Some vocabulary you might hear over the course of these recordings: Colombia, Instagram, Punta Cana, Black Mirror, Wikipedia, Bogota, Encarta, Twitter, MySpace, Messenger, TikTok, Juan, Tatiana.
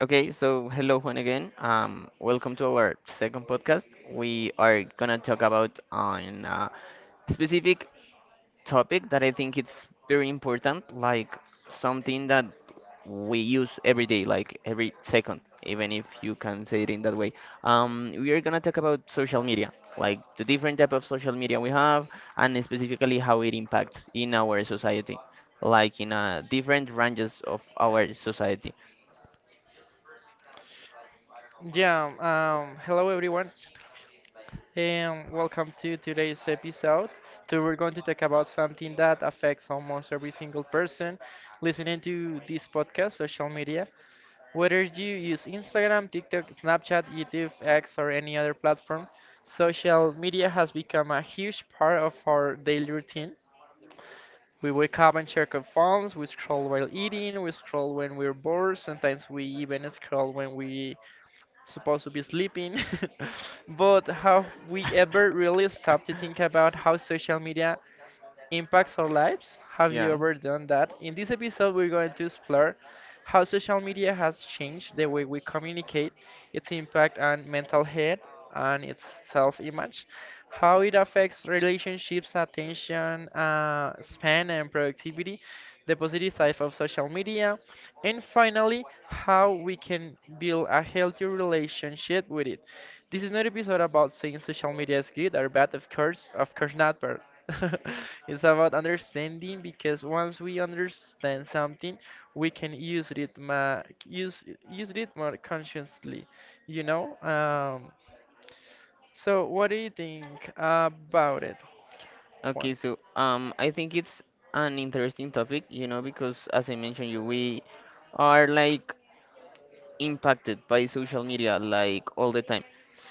Okay, so hello Juan again. Welcome to our second podcast. We are gonna talk about on a specific topic that I think it's very important, like something that we use every day, like every second, even if you can say it in that way. We are gonna talk about social media, like the different type of social media we have, and specifically how it impacts in our society, like in different ranges of our society. Yeah, hello everyone, and welcome to today's episode. So we're going to talk about something that affects almost every single person listening to this podcast, social media. Whether you use Instagram, TikTok, Snapchat, YouTube, X, or any other platform, social media has become a huge part of our daily routine. We wake up and check our phones, we scroll while eating, we scroll when we're bored, sometimes we even scroll when we supposed to be sleeping. But have we ever really stopped to think about how social media impacts our lives? Have you Yeah. ever done that? In this episode, we're going to explore how social media has changed the way we communicate, its impact on mental health and its self image, how it affects relationships, attention span, and productivity, the positive side of social media, and finally, how we can build a healthy relationship with it. This is not an episode about saying social media is good or bad, of course not, but it's about understanding because once we understand something, we can use it ma use use it more consciously, you know? So what do you think about it, Okay, Juan? so I think it's an interesting topic, you know, because as I mentioned you, we are like impacted by social media like all the time.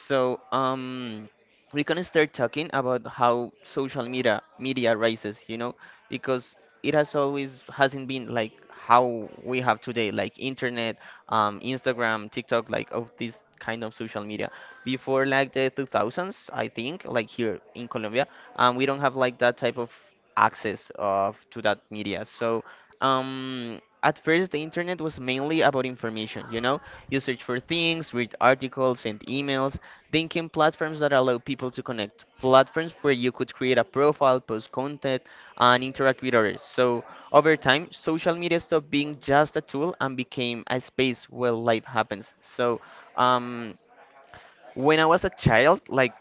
So we can start talking about how social media rises, you know, because it has always hasn't been like how we have today, like internet, Instagram, TikTok, like of this kind of social media. Before like the 2000s, I think, like here in Colombia, we don't have like that type of access of to that media. So at first the internet was mainly about information, you know, you search for things, read articles, send emails, thinking platforms that allow people to connect. Platforms where you could create a profile, post content, and interact with others. So, over time, social media stopped being just a tool and became a space where life happens. So, um, when I was a child, like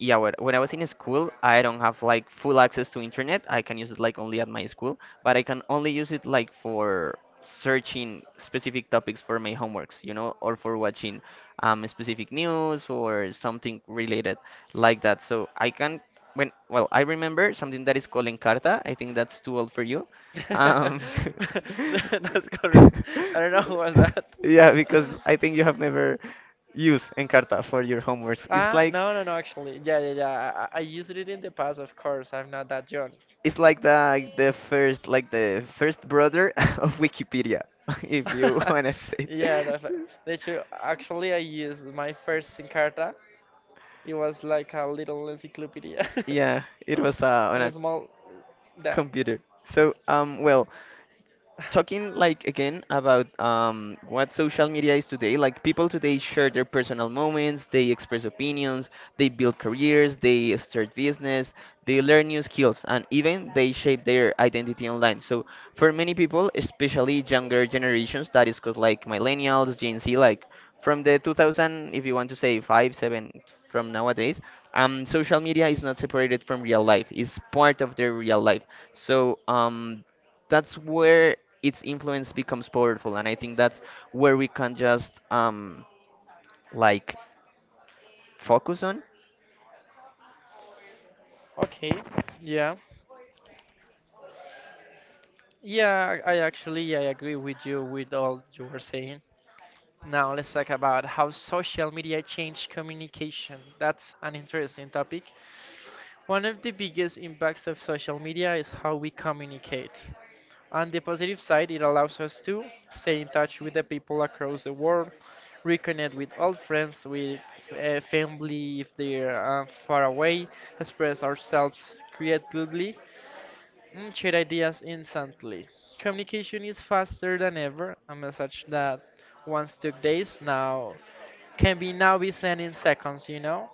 yeah, when I was in school, I don't have like full access to internet. I can use it like only at my school, but I can only use it like for searching specific topics for my homeworks, you know, or for watching specific news or something related like that. So I can when well, I remember something that is called Encarta. I think that's too old for you. Um, That's correct. I don't know who was that. yeah, because I think you have never use Encarta for your homeworks. It's Ah, like no, no, no, actually. Yeah, yeah, yeah. I used it in the past, of course. I'm not that young. it's the first brother of Wikipedia, if you wanna say. Yeah, that's right. That's true. Actually, I used my first Encarta. It was like a little encyclopedia. Yeah, it was on And a a small. Yeah. computer. So talking like again about what social media is today, like people today share their personal moments, they express opinions, they build careers, they start business, they learn new skills, and even they shape their identity online. So for many people, especially younger generations that is called like millennials, gen z, like from the 2000, if you want to say 5 7, from nowadays, social media is not separated from real life, it's part of their real life. So that's where its influence becomes powerful, and I think that's where we can just like focus on. Okay. Yeah. Yeah, I actually I agree with you with all you were saying. Now let's talk about how social media changed communication. That's an interesting topic. One of the biggest impacts of social media is how we communicate. On the positive side, it allows us to stay in touch with the people across the world, reconnect with old friends, with family if they're far away, express ourselves creatively, and share ideas instantly. Communication is faster than ever. A message that once took days now can be now be sent in seconds, you know?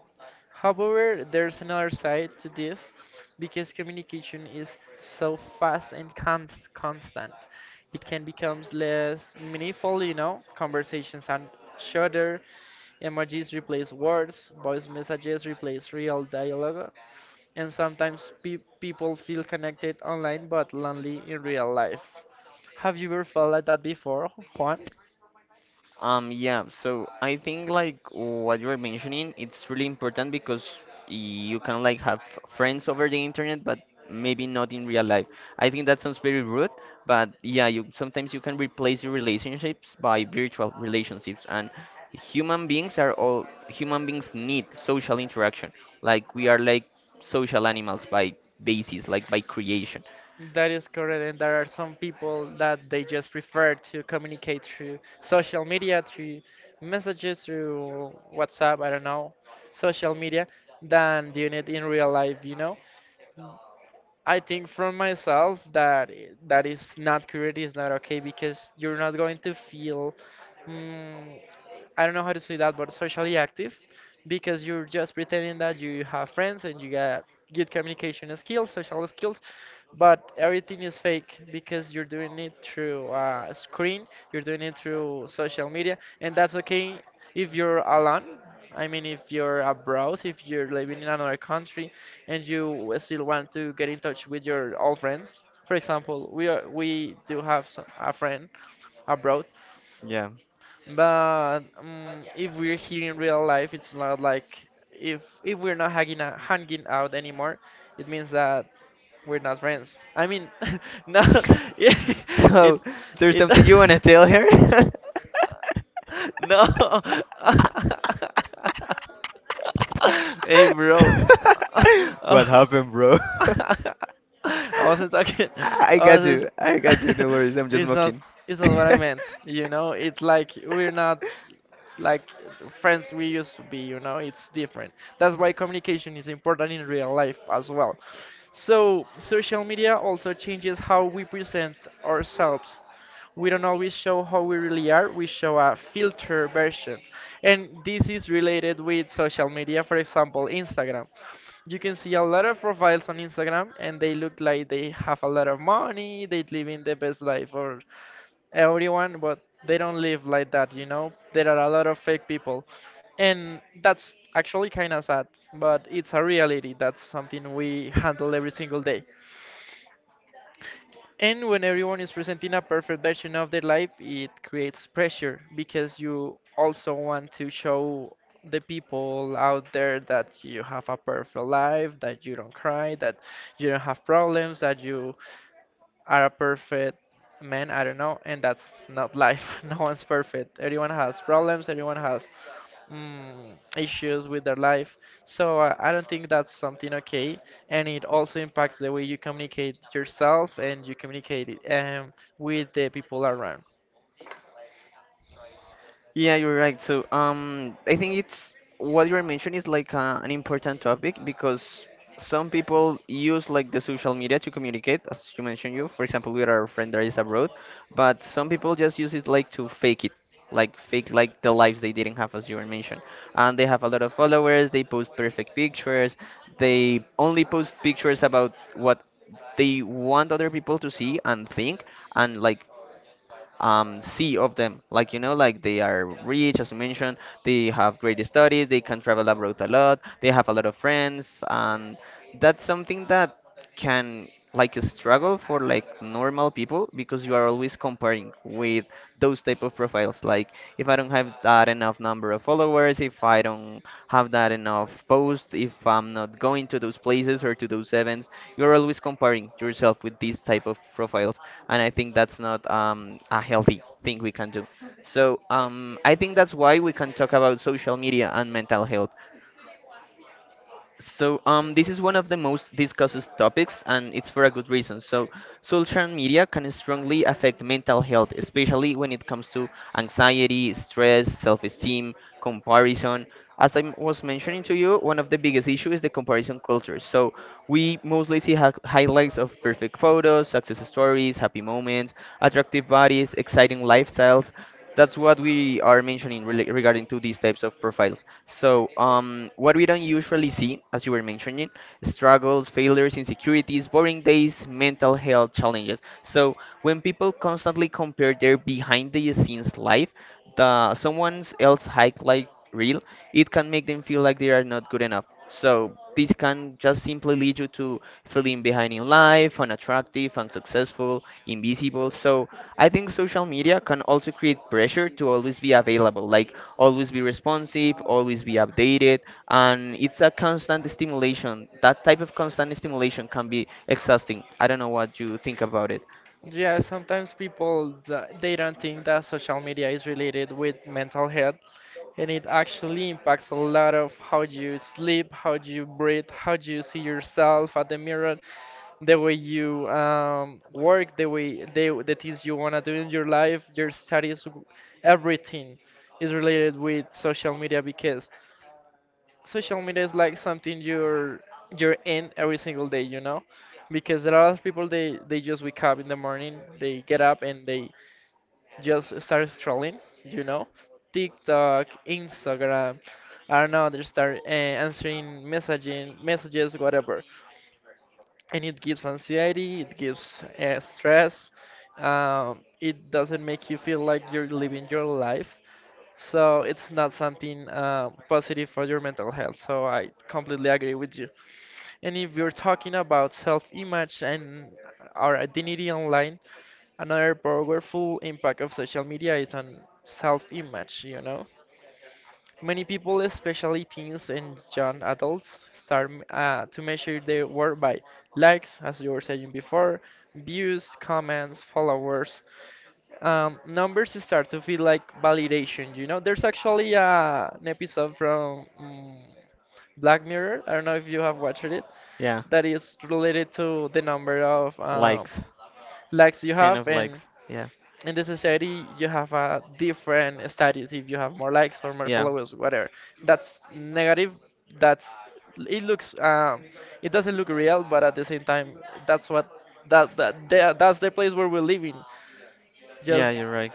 However, there's another side to this because communication is so fast and constant. It can become less meaningful, you know? Conversations are shorter, emojis replace words, voice messages replace real dialogue, and sometimes people feel connected online but lonely in real life. Have you ever felt like that before, Juan? Yeah, so I think like what you were mentioning, it's really important because you can like have friends over the internet, but maybe not in real life. I think that sounds very rude, but yeah, you sometimes you can replace your relationships by virtual relationships, and human beings need social interaction. Like we are like social animals by basis, like by creation. That is correct, and there are some people that they just prefer to communicate through social media, through messages, through WhatsApp, I don't know, social media, than doing it in real life, you know? I think from myself that is not correct, is not okay because you're not going to feel, mm, I don't know how to say that, but socially active because you're just pretending that you have friends and you got good communication skills, social skills, but everything is fake because you're doing it through a screen, you're doing it through social media, and that's okay if you're alone. I mean, if you're abroad, if you're living in another country, and you still want to get in touch with your old friends, for example, we do have some, a friend abroad, Yeah. but if we're here in real life, it's not like if we're not hanging out anymore, it means that we're not friends. I mean, no, it it So, there's it. something you want to tell her? No. Hey, bro. What Oh, happened, bro? I wasn't talking. I I was got you. just. I got you. No worries. I'm just It's not. mocking. It's not what I meant. You know. It's like we're not like the friends we used to be, you know, it's different. That's why communication is important in real life as well. So, social media also changes how we present ourselves. We don't always show how we really are, we show a filter version. And this is related with social media, for example, Instagram. You can see a lot of profiles on Instagram and they look like they have a lot of money, they live in the best life or everyone, but they don't live like that, you know? There are a lot of fake people. And that's actually kind of sad, but it's a reality. That's something we handle every single day. And when everyone is presenting a perfect version of their life, it creates pressure because you also want to show the people out there that you have a perfect life, that you don't cry, that you don't have problems, that you are a perfect man. I don't know, and that's not life. No one's perfect. Everyone has problems. Everyone has issues with their life. So I don't think that's something okay, and it also impacts the way you communicate yourself and you communicate it with the people around. Yeah, you're right. So, I think it's what you're mentioning is like an important topic because some people use like the social media to communicate, as you mentioned, you, for example, with our friend that is abroad, but some people just use it like to fake it, like fake like the lives they didn't have, as you were mentioned. And they have a lot of followers, they post perfect pictures, they only post pictures about what they want other people to see and think, and like see of them. Like, you know, like they are rich, as you mentioned, they have great studies, they can travel abroad a lot, they have a lot of friends, and that's something that can like a struggle for like normal people, because you are always comparing with those type of profiles, like if I don't have that enough number of followers, if I don't have that enough posts, if I'm not going to those places or to those events, you're always comparing yourself with these type of profiles, and I think that's not a healthy thing we can do. So I think that's why we can talk about social media and mental health. So this is one of the most discussed topics, and it's for a good reason. So social media can strongly affect mental health, especially when it comes to anxiety, stress, self-esteem, comparison. As I was mentioning to you, one of the biggest issues is the comparison culture. So we mostly see highlights of perfect photos, success stories, happy moments, attractive bodies, exciting lifestyles. That's what we are mentioning regarding to these types of profiles. So what we don't usually see, as you were mentioning, struggles, failures, insecurities, boring days, mental health challenges. So when people constantly compare their behind the scenes life, the someone else highlight real, it can make them feel like they are not good enough. So this can just simply lead you to feeling behind in life, unattractive, unsuccessful, invisible. So I think social media can also create pressure to always be available, like always be responsive, always be updated, and it's a constant stimulation. That type of constant stimulation can be exhausting. I don't know what you think about it. Yeah, sometimes people they don't think that social media is related with mental health, and it actually impacts a lot of how you sleep, how you breathe, how you see yourself at the mirror, the way you work, the things you wanna do in your life, your studies, everything is related with social media because social media is like something you're in every single day, you know? Because there are a lot of people they just wake up in the morning, they get up and they just start scrolling, you know? TikTok, Instagram, I don't know, they start answering messaging messages, whatever, and it gives anxiety, it gives stress. It doesn't make you feel like you're living your life, so it's not something positive for your mental health. So I completely agree with you. And if you're talking about self-image and our identity online, another powerful impact of social media is on self-image. You know, many people, especially teens and young adults, start to measure their worth by likes, as you were saying before, views, comments, followers. Numbers start to feel like validation. You know, there's actually an episode from Black Mirror. I don't know if you have watched it, Yeah. that is related to the number of Likes. likes you Kind have. of And likes. Yeah. in the society you have a different status if you have more likes or more Yeah. followers, whatever. That's negative. That's it looks, it doesn't look real, but at the same time, that's what that, that that- that's the place where we're living, Yeah, just. you're right.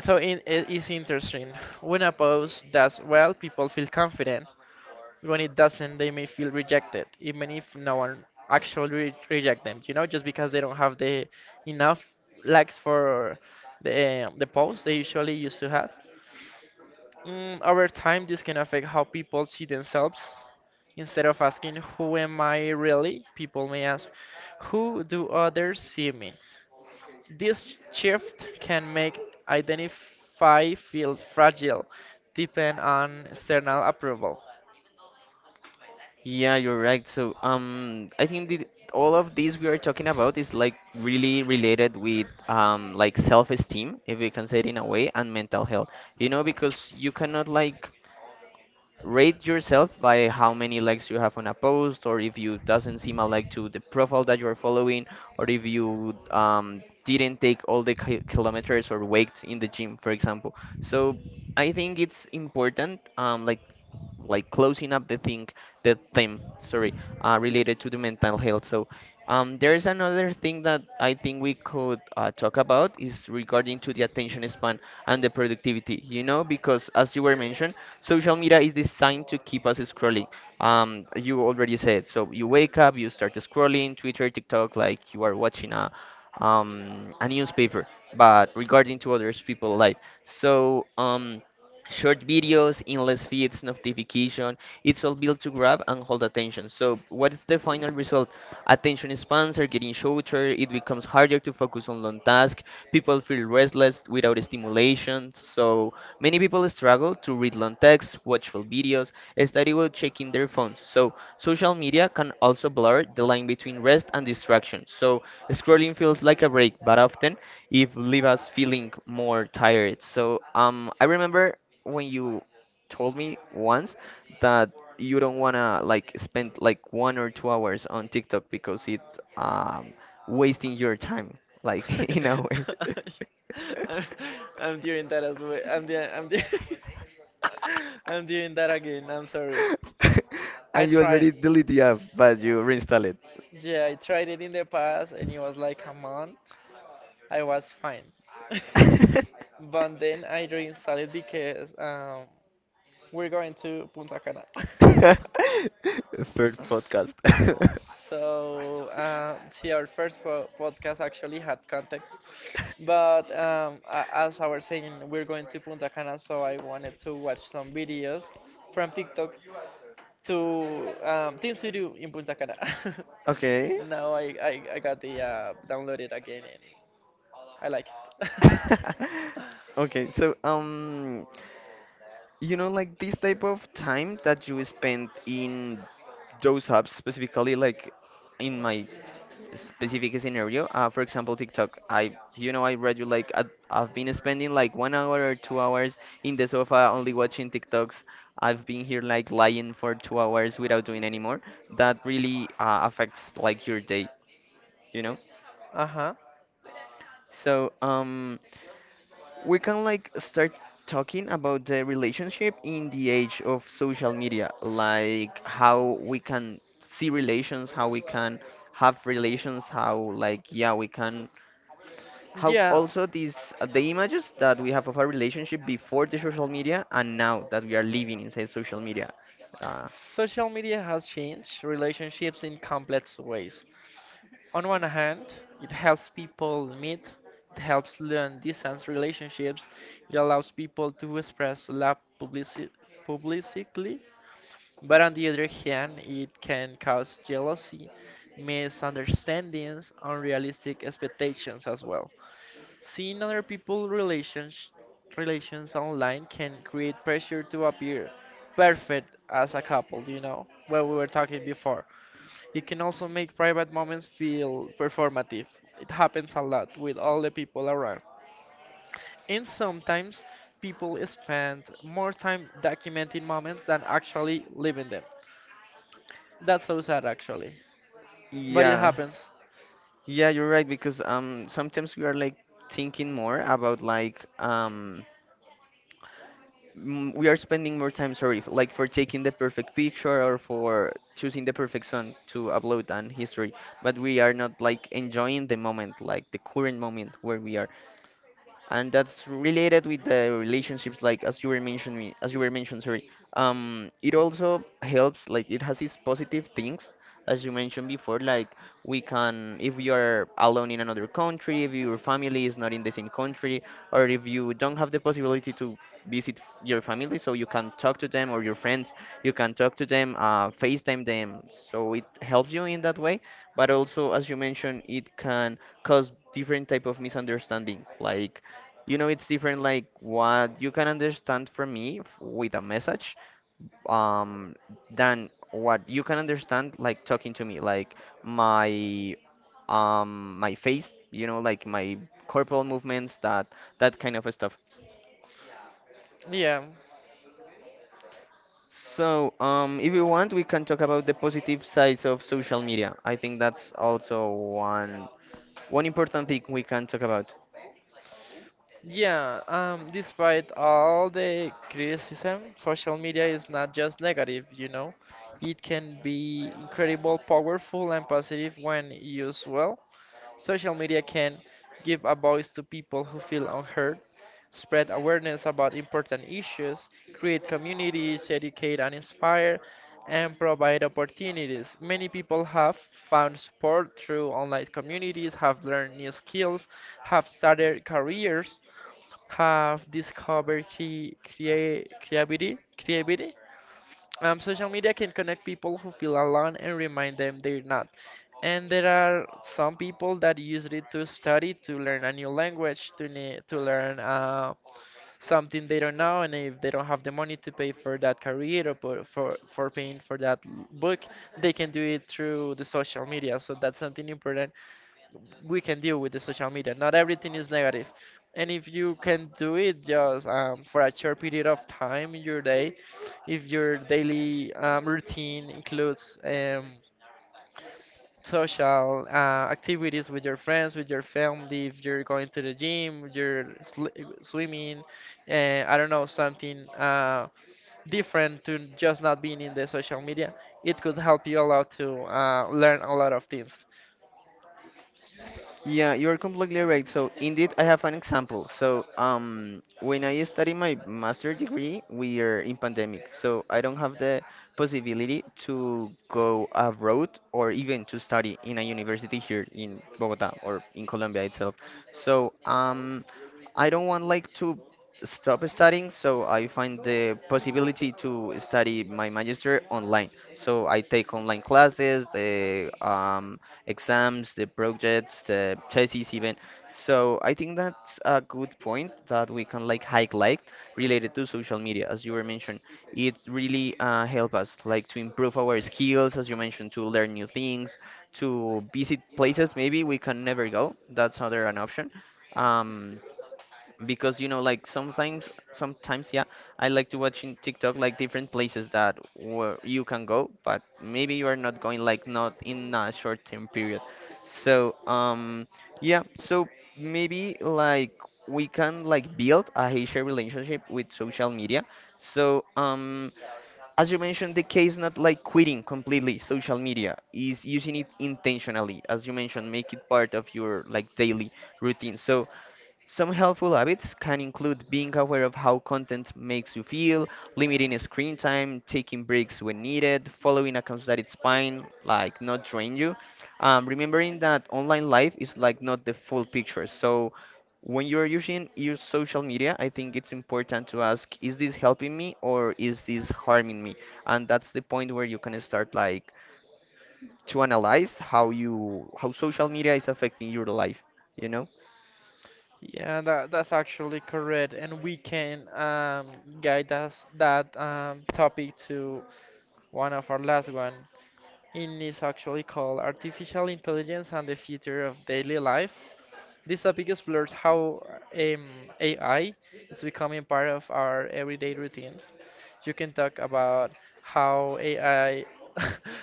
So it is interesting. When a post does well, people feel confident. When it doesn't, they may feel rejected, even if no one actually reject them, you know, just because they don't have the enough likes for the posts they usually used to have. Over time this can affect how people see themselves. Instead of asking who am I really, people may ask who do others see me. This shift can make identify feel fragile, depend on external approval. Yeah, you're right. So, I think that all of these we are talking about is like really related with like self-esteem, if we can say it in a way, and mental health. You know, because you cannot like rate yourself by how many likes you have on a post, or if you doesn't seem a like to the profile that you're following, or if you didn't take all the kilometers or weight in the gym, for example. So I think it's important, closing up the thing, the theme, sorry, related to the mental health. So, there's another thing that I think we could talk about is regarding to the attention span and the productivity. You know, because as you were mentioned, social media is designed to keep us scrolling. You already said. So you wake up, you start scrolling Twitter, TikTok, like you are watching a newspaper. But regarding to others people' life, so short videos, endless feeds, notification. It's all built to grab and hold attention. So what is the final result? Attention spans are getting shorter. It becomes harder to focus on long tasks. People feel restless without stimulation. So many people struggle to read long text, watch full videos, study while checking their phones. So social media can also blur the line between rest and distraction. So scrolling feels like a break, but often if leave us feeling more tired. So I remember when you told me once that you don't wanna like spend like 1 or 2 hours on TikTok because it's wasting your time, like in a way. I'm, I'm doing that as well. I'm doing that again. I'm sorry. I And you tried. already delete the app, but you reinstall it. Yeah, I tried it in the past, and it was like a month. I was fine, but then I reinstalled it because we're going to Punta Cana. First podcast. So, see, our first po podcast actually had context, but as I was saying, we're going to Punta Cana, so I wanted to watch some videos from TikTok to, things to do in Punta Cana. Okay. Now I got the downloaded again, and I like it. Okay, so you know like this type of time that you spend in those hubs, specifically like in my specific scenario, for example TikTok, I you know I read you like I've been spending like 1 hour or 2 hours in the sofa only watching tiktoks. I've been here like lying for 2 hours without doing any more. That really affects like your day, you know. Uh-huh. So we can like start talking about the relationship in the age of social media, like how we can see relations, how we can have relations, how like yeah, we can how Yeah. also these the images that we have of our relationship before the social media and now that we are living inside social media. Uh, Social media has changed relationships in complex ways. On one hand, it helps people meet, it helps learn distance relationships, it allows people to express love publicly. But on the other hand, it can cause jealousy, misunderstandings, unrealistic expectations as well. Seeing other people's relations online can create pressure to appear perfect as a couple, you know, what we were talking before. It can also make private moments feel performative. It happens a lot with all the people around. And sometimes people spend more time documenting moments than actually living them. That's so sad, actually. But it yeah. happens. Yeah, you're right, because sometimes we are like thinking more about, like, we are spending more time, sorry, like for taking the perfect picture or for choosing the perfect song to upload on history, but we are not like enjoying the moment, like the current moment where we are, and that's related with the relationships, like as you were mentioned, sorry. Um, it also helps, like it has its positive things, as you mentioned before. Like, we can, if you are alone in another country, if your family is not in the same country or if you don't have the possibility to visit your family, so you can talk to them, or your friends, you can talk to them, FaceTime them, so it helps you in that way. But also, as you mentioned, it can cause different type of misunderstanding. Like, you know, it's different, like what you can understand from me with a message, um than what you can understand like talking to me, like my, my face, you know, like my corporal movements, that kind of stuff. Yeah. So, if you want, we can talk about the positive sides of social media. I think that's also one important thing we can talk about. Yeah, despite all the criticism, social media is not just negative, you know. It can be incredible, powerful, and positive when used well. Social media can give a voice to people who feel unheard, spread awareness about important issues, create communities, educate and inspire, and provide opportunities. Many people have found support through online communities, have learned new skills, have started careers, have discovered creativity. Social media can connect people who feel alone and remind them they're not. And there are some people that use it to study, to learn a new language, to learn something they don't know, and if they don't have the money to pay for that career or for paying for that book, they can do it through the social media. So that's something important we can deal with the social media. Not everything is negative. And if you can do it just for a short period of time in your day, if your daily routine includes social activities with your friends, with your family, if you're going to the gym, swimming, I don't know, something different to just not being in the social media, it could help you a lot to learn a lot of things. Yeah, you're completely right. So indeed, I have an example. So when I study my master degree, we are in pandemic, so I don't have the possibility to go abroad or even to study in a university here in Bogota or in Colombia itself. So I don't want like to stop studying, so I find the possibility to study my magister online. So I take online classes, the exams, the projects, the thesis even. So I think that's a good point that we can like highlight related to social media, as you were mentioned. It really help us, like to improve our skills, as you mentioned, to learn new things, to visit places maybe we can never go. That's another an option. Um, because, you know, like sometimes yeah, I like to watch in TikTok like different places that where you can go, but maybe you are not going, like not in a short term period. So yeah, so maybe like we can like build a healthy relationship with social media. So as you mentioned, the key is not like quitting completely social media, is using it intentionally, as you mentioned, make it part of your like daily routine. So some helpful habits can include being aware of how content makes you feel, limiting screen time, taking breaks when needed, following accounts that it's fine, like not drain you. Remembering that online life is like not the full picture. So when you're using your social media, I think it's important to ask, is this helping me or is this harming me? And that's the point where you can start like to analyze how social media is affecting your life, you know? Yeah, that's actually correct, and we can guide us that topic to one of our last one. It is actually called Artificial Intelligence and the Future of Daily Life. This topic explores how um, AI is becoming part of our everyday routines. You can talk about how AI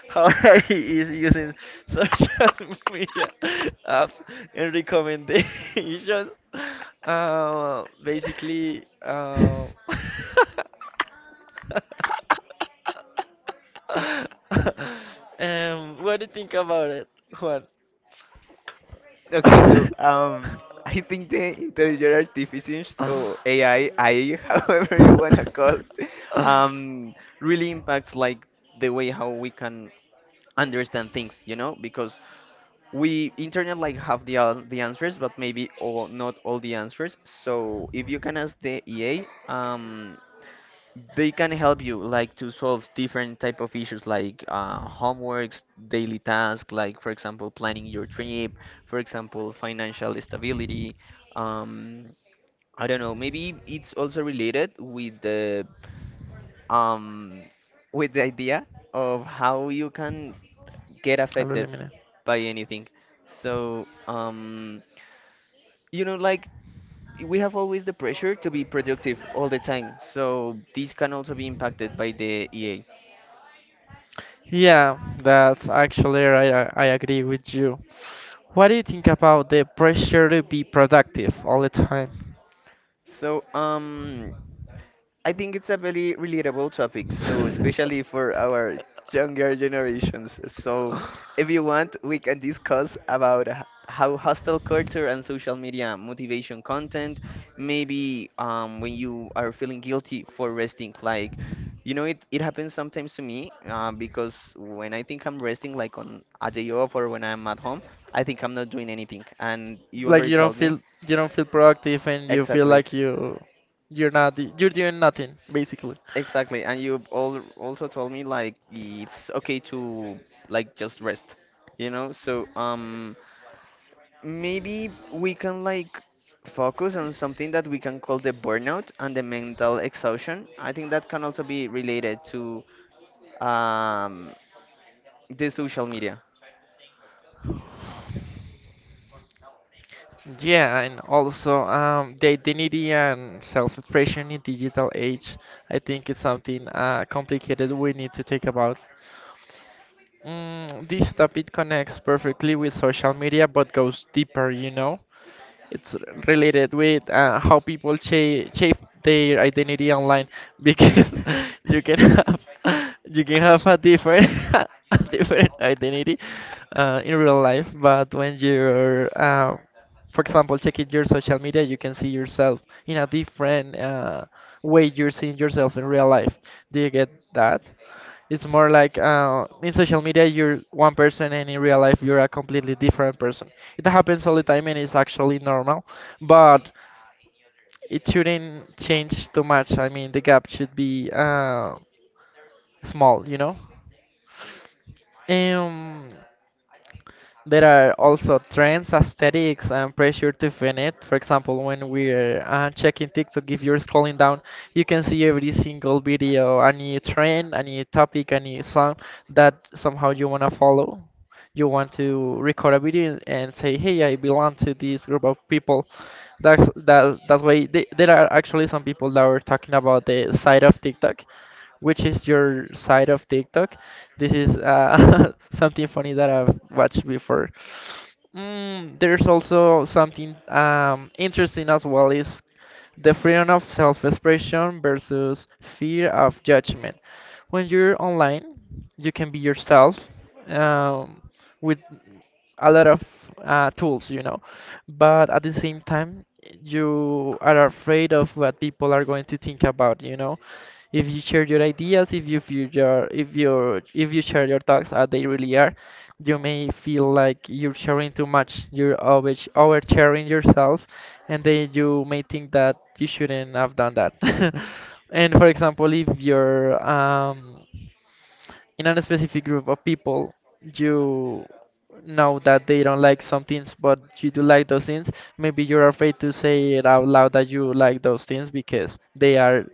how AI is using social media apps and recommendations. Basically, what do you think about it, Juan? Okay, so I think the intelligent artificial, or AI, however you wanna call it, um, really impacts like the way how we can understand things, you know, because we internet like have the the answers, but maybe all not all the answers. So if you can ask the EA, they can help you like to solve different type of issues, like homeworks, daily tasks, like for example planning your trip, for example financial stability. um, I don't know, maybe it's also related with the, um, with the idea of how you can get Really affected mean it. by anything. So you know, like we have always the pressure to be productive all the time, so this can also be impacted by the EA. Yeah, that's actually right. I agree with you. What do you think about the pressure to be productive all the time? So, I think it's a very relatable topic, so especially for our younger generations. So, if you want, we can discuss about how hostile culture and social media motivation content. Maybe when you are feeling guilty for resting, like, you know, it happens sometimes to me, because when I think I'm resting, like on a day off or when I'm at home, I think I'm not doing anything. And you Like already told me. You don't feel productive and you feel Exactly. like you're doing nothing basically. Exactly, and you all also told me like it's okay to like just rest, you know? So maybe we can like focus on something that we can call the burnout and the mental exhaustion. I think that can also be related to um the social media. Yeah, and also the identity and self-expression in digital age, I think it's something complicated we need to think about. Mm, this topic connects perfectly with social media but goes deeper, you know. It's r- related with how shape their identity online because you can have you can have a different a different identity in real life, but when you're for example checking your social media, you can see yourself in a different way you're seeing yourself in real life. Do you get that? It's more like in social media you're one person and in real life you're a completely different person. It happens all the time and it's actually normal, but it shouldn't change too much. I mean, the gap should be small, you know? Um, There are also trends, aesthetics, and pressure to fit it. For example, when we're checking TikTok, if you're scrolling down, you can see every single video, a new trend, a new topic, a new song that somehow you want to follow. You want to record a video and say, "Hey, I belong to this group of people." That's that. That's why there are actually some people that were talking about the side of TikTok which is your side of TikTok. This is something funny that I've watched before. Mm, there's also something interesting as well is the freedom of self-expression versus fear of judgment. When you're online, you can be yourself um, with a lot of tools, you know. But at the same time, you are afraid of what people are going to think about, you know. If you share your ideas, if you share your thoughts as they really are, you may feel like you're sharing too much. You're over sharing yourself, and then you may think that you shouldn't have done that. And for example, if you're in a specific group of people you know that they don't like some things but you do like those things, maybe you're afraid to say it out loud that you like those things because they are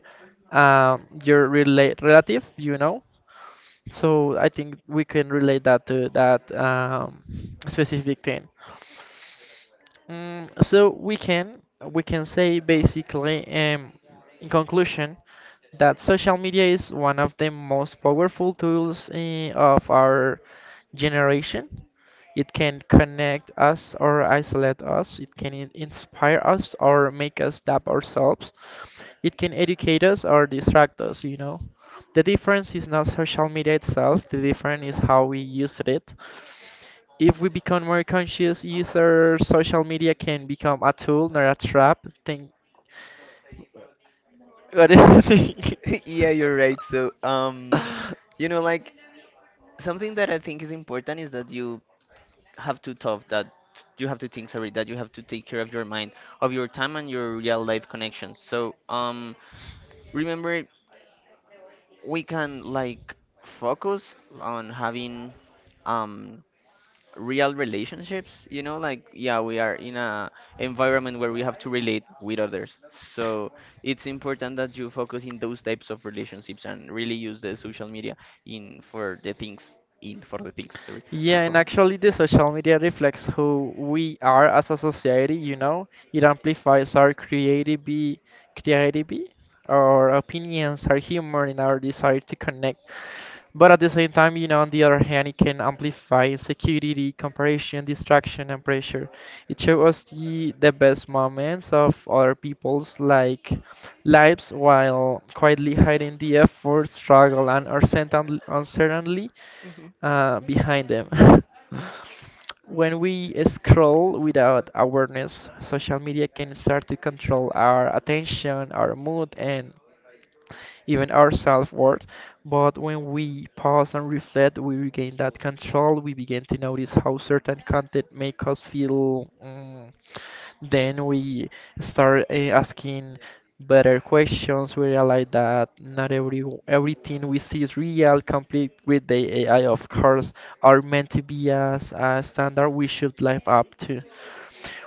your relate relative, you know. So I think we can relate that to that specific thing. Mm, so we can say basically, in conclusion, that social media is one of the most powerful tools, eh, of our generation. It can connect us or isolate us. It can inspire us or make us doubt ourselves. It can educate us or distract us, you know. The difference is not social media itself, the difference is how we use it. If we become more conscious users, social media can become a tool, not a trap. Think. What do you think? Yeah, you're right. So you know, like something that I think is important is that you have to tough that you have to think, sorry, that you have to take care of your mind, of your time and your real life connections. So remember, we can like focus on having, um real relationships, you know, like yeah, we are in a environment where we have to relate with others, so it's important that you focus in those types of relationships and really use the social media in for the things, sorry, Yeah, and for actually, the social media reflects who we are as a society, you know? It amplifies our creativity, our opinions, our humor, and our desire to connect. But at the same time, you know, on the other hand, it can amplify insecurity, comparison, distraction, and pressure. It shows us the best moments of other people's like lives while quietly hiding the effort, struggle, and uncertainty Mhm. Behind them. When we scroll without awareness, social media can start to control our attention, our mood, and even our self-worth. But when we pause and reflect, we regain that control. We begin to notice how certain content make us feel. Mm, then we start asking better questions. We realize that not every everything we see is real, complete with the AI. Of course, are meant to be as a standard we should live up to.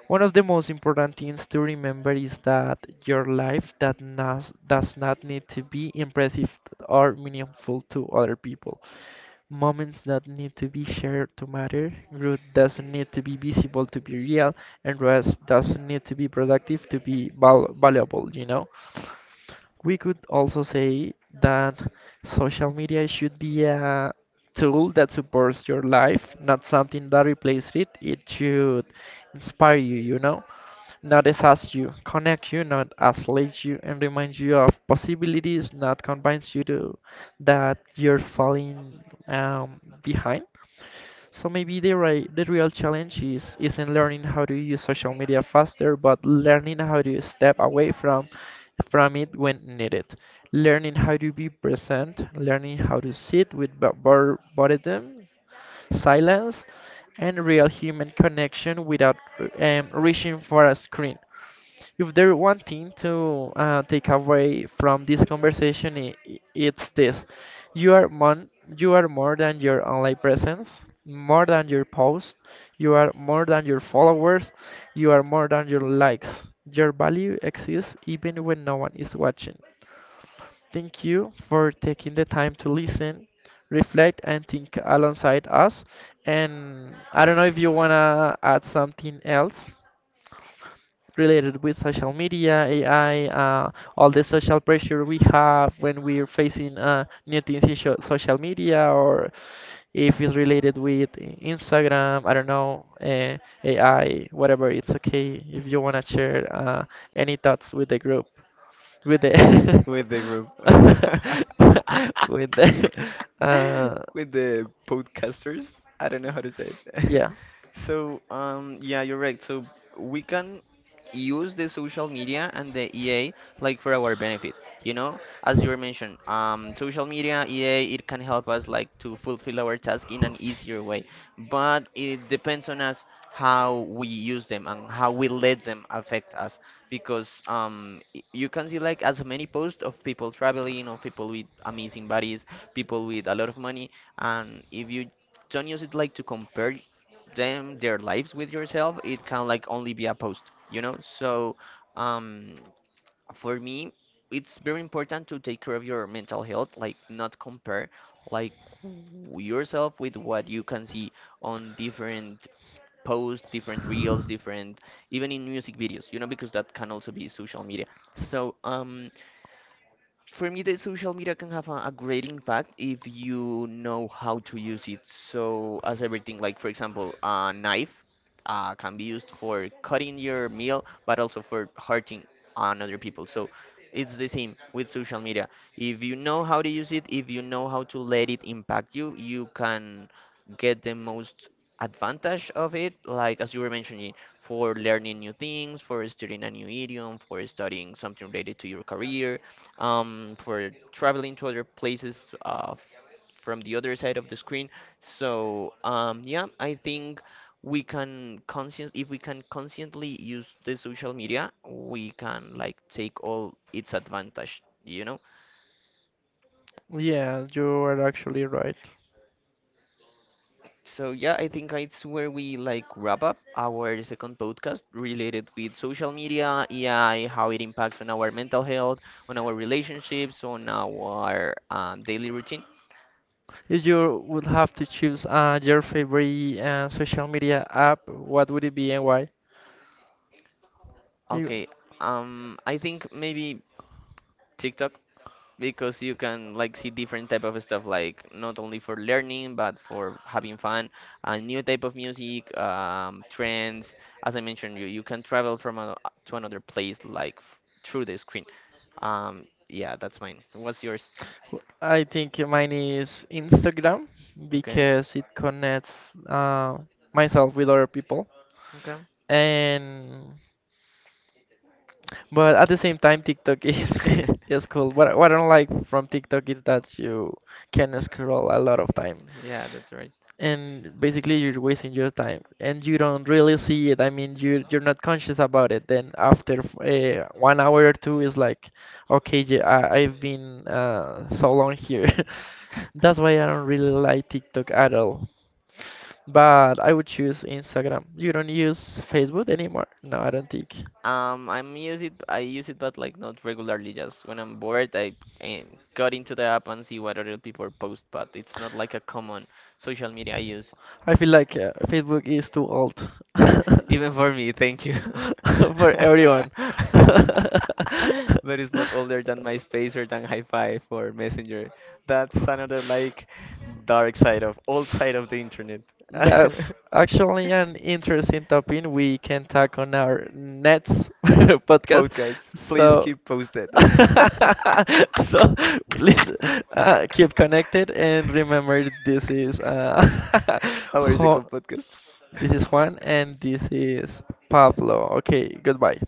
One of the most important things to remember is that your life does not need to be impressive or meaningful to other people. Moments that need to be shared to matter. Growth doesn't need to be visible to be real, and rest doesn't need to be productive to be valuable, you know? We could also say that social media should be a tool that supports your life, not something that replaces it. It should inspire you, you know? Not exhaust you, connect you, not isolate you, and remind you of possibilities, not convince you to that you're falling behind. So maybe the real challenge is isn't learning how to use social media faster, but learning how to step away from it when needed. Learning how to be present, learning how to sit with boredom, silence, and real human connection without reaching for a screen. If there one thing to take away from this conversation, it's this: you are mon- you are more than your online presence, more than your posts, you are more than your followers, you are more than your likes. Your value exists even when no one is watching. Thank you for taking the time to listen, reflect, and think alongside us. And I don't know if you want to add something else related with social media, AI, all the social pressure we have when we're facing new things in social media, or if it's related with Instagram, I don't know, AI, whatever. It's okay if you want to share any thoughts with the group with the with the group. with the uh with the podcasters. I don't know how to say it. yeah. So, yeah, you're right. So we can use the social media and the EA like for our benefit. You know, as you were mentioned, social media EA, it can help us like to fulfill our task in an easier way, but it depends on us how we use them and how we let them affect us. Because you can see like as many posts of people traveling, of people with amazing bodies, people with a lot of money, and if you don't use it like to compare them, their lives with yourself, it can like only be a post, you know. So um for me, it's very important to take care of your mental health, like not compare, like yourself with what you can see on different posts, different reels, different, even in music videos, you know, because that can also be social media. So for me, the social media can have a great impact if you know how to use it. So, as everything, like for example, a knife can be used for cutting your meal, but also for hurting another people. So, it's the same with social media. If you know how to use it, if you know how to let it impact you, you can get the most advantage of it. Like as you were mentioning, for learning new things, for studying a new idiom, for studying something related to your career, for traveling to other places, from the other side of the screen. So yeah, I think we can conscient, if we can consciently use the social media, we can like take all its advantage, you know. Yeah, you are actually right. So yeah, I think it's where we like wrap up our second podcast related with social media, AI, how it impacts on our mental health, on our relationships, on our daily routine. If you would have to choose your favorite social media app, what would it be and why, you? Okay, I think maybe TikTok, because you can like see different type of stuff, like not only for learning but for having fun, a new type of music, trends, as I mentioned, you can travel from a, to another place, like through the screen. Yeah, that's mine, what's yours? I think mine is Instagram Okay. because it connects myself with other people. Okay. And but at the same time, TikTok is is cool. What I don't like from TikTok is that you can scroll a lot of time, Yeah, that's right. and basically you're wasting your time, and you don't really see it. I mean, you're not conscious about it. Then after 1 hour or two, is like, okay, yeah, I've been so long here. That's why I don't really like TikTok at all. But I would choose Instagram. You don't use Facebook anymore? No, I don't think. I'm use it. I use it, but like not regularly. Just when I'm bored, I, got into the app and see what other people post. But it's not like a common social media I use. I feel like Facebook is too old Even for me, thank you. for everyone. But it's not older than MySpace or than high 5 or Messenger. That's another like dark side of old side of the internet. That's actually an interesting topic we can talk on our next podcast. Podcast, please So, keep posted. so please keep connected and remember this is Our ho- second podcast. this is Juan and this is Pablo. Okay, goodbye.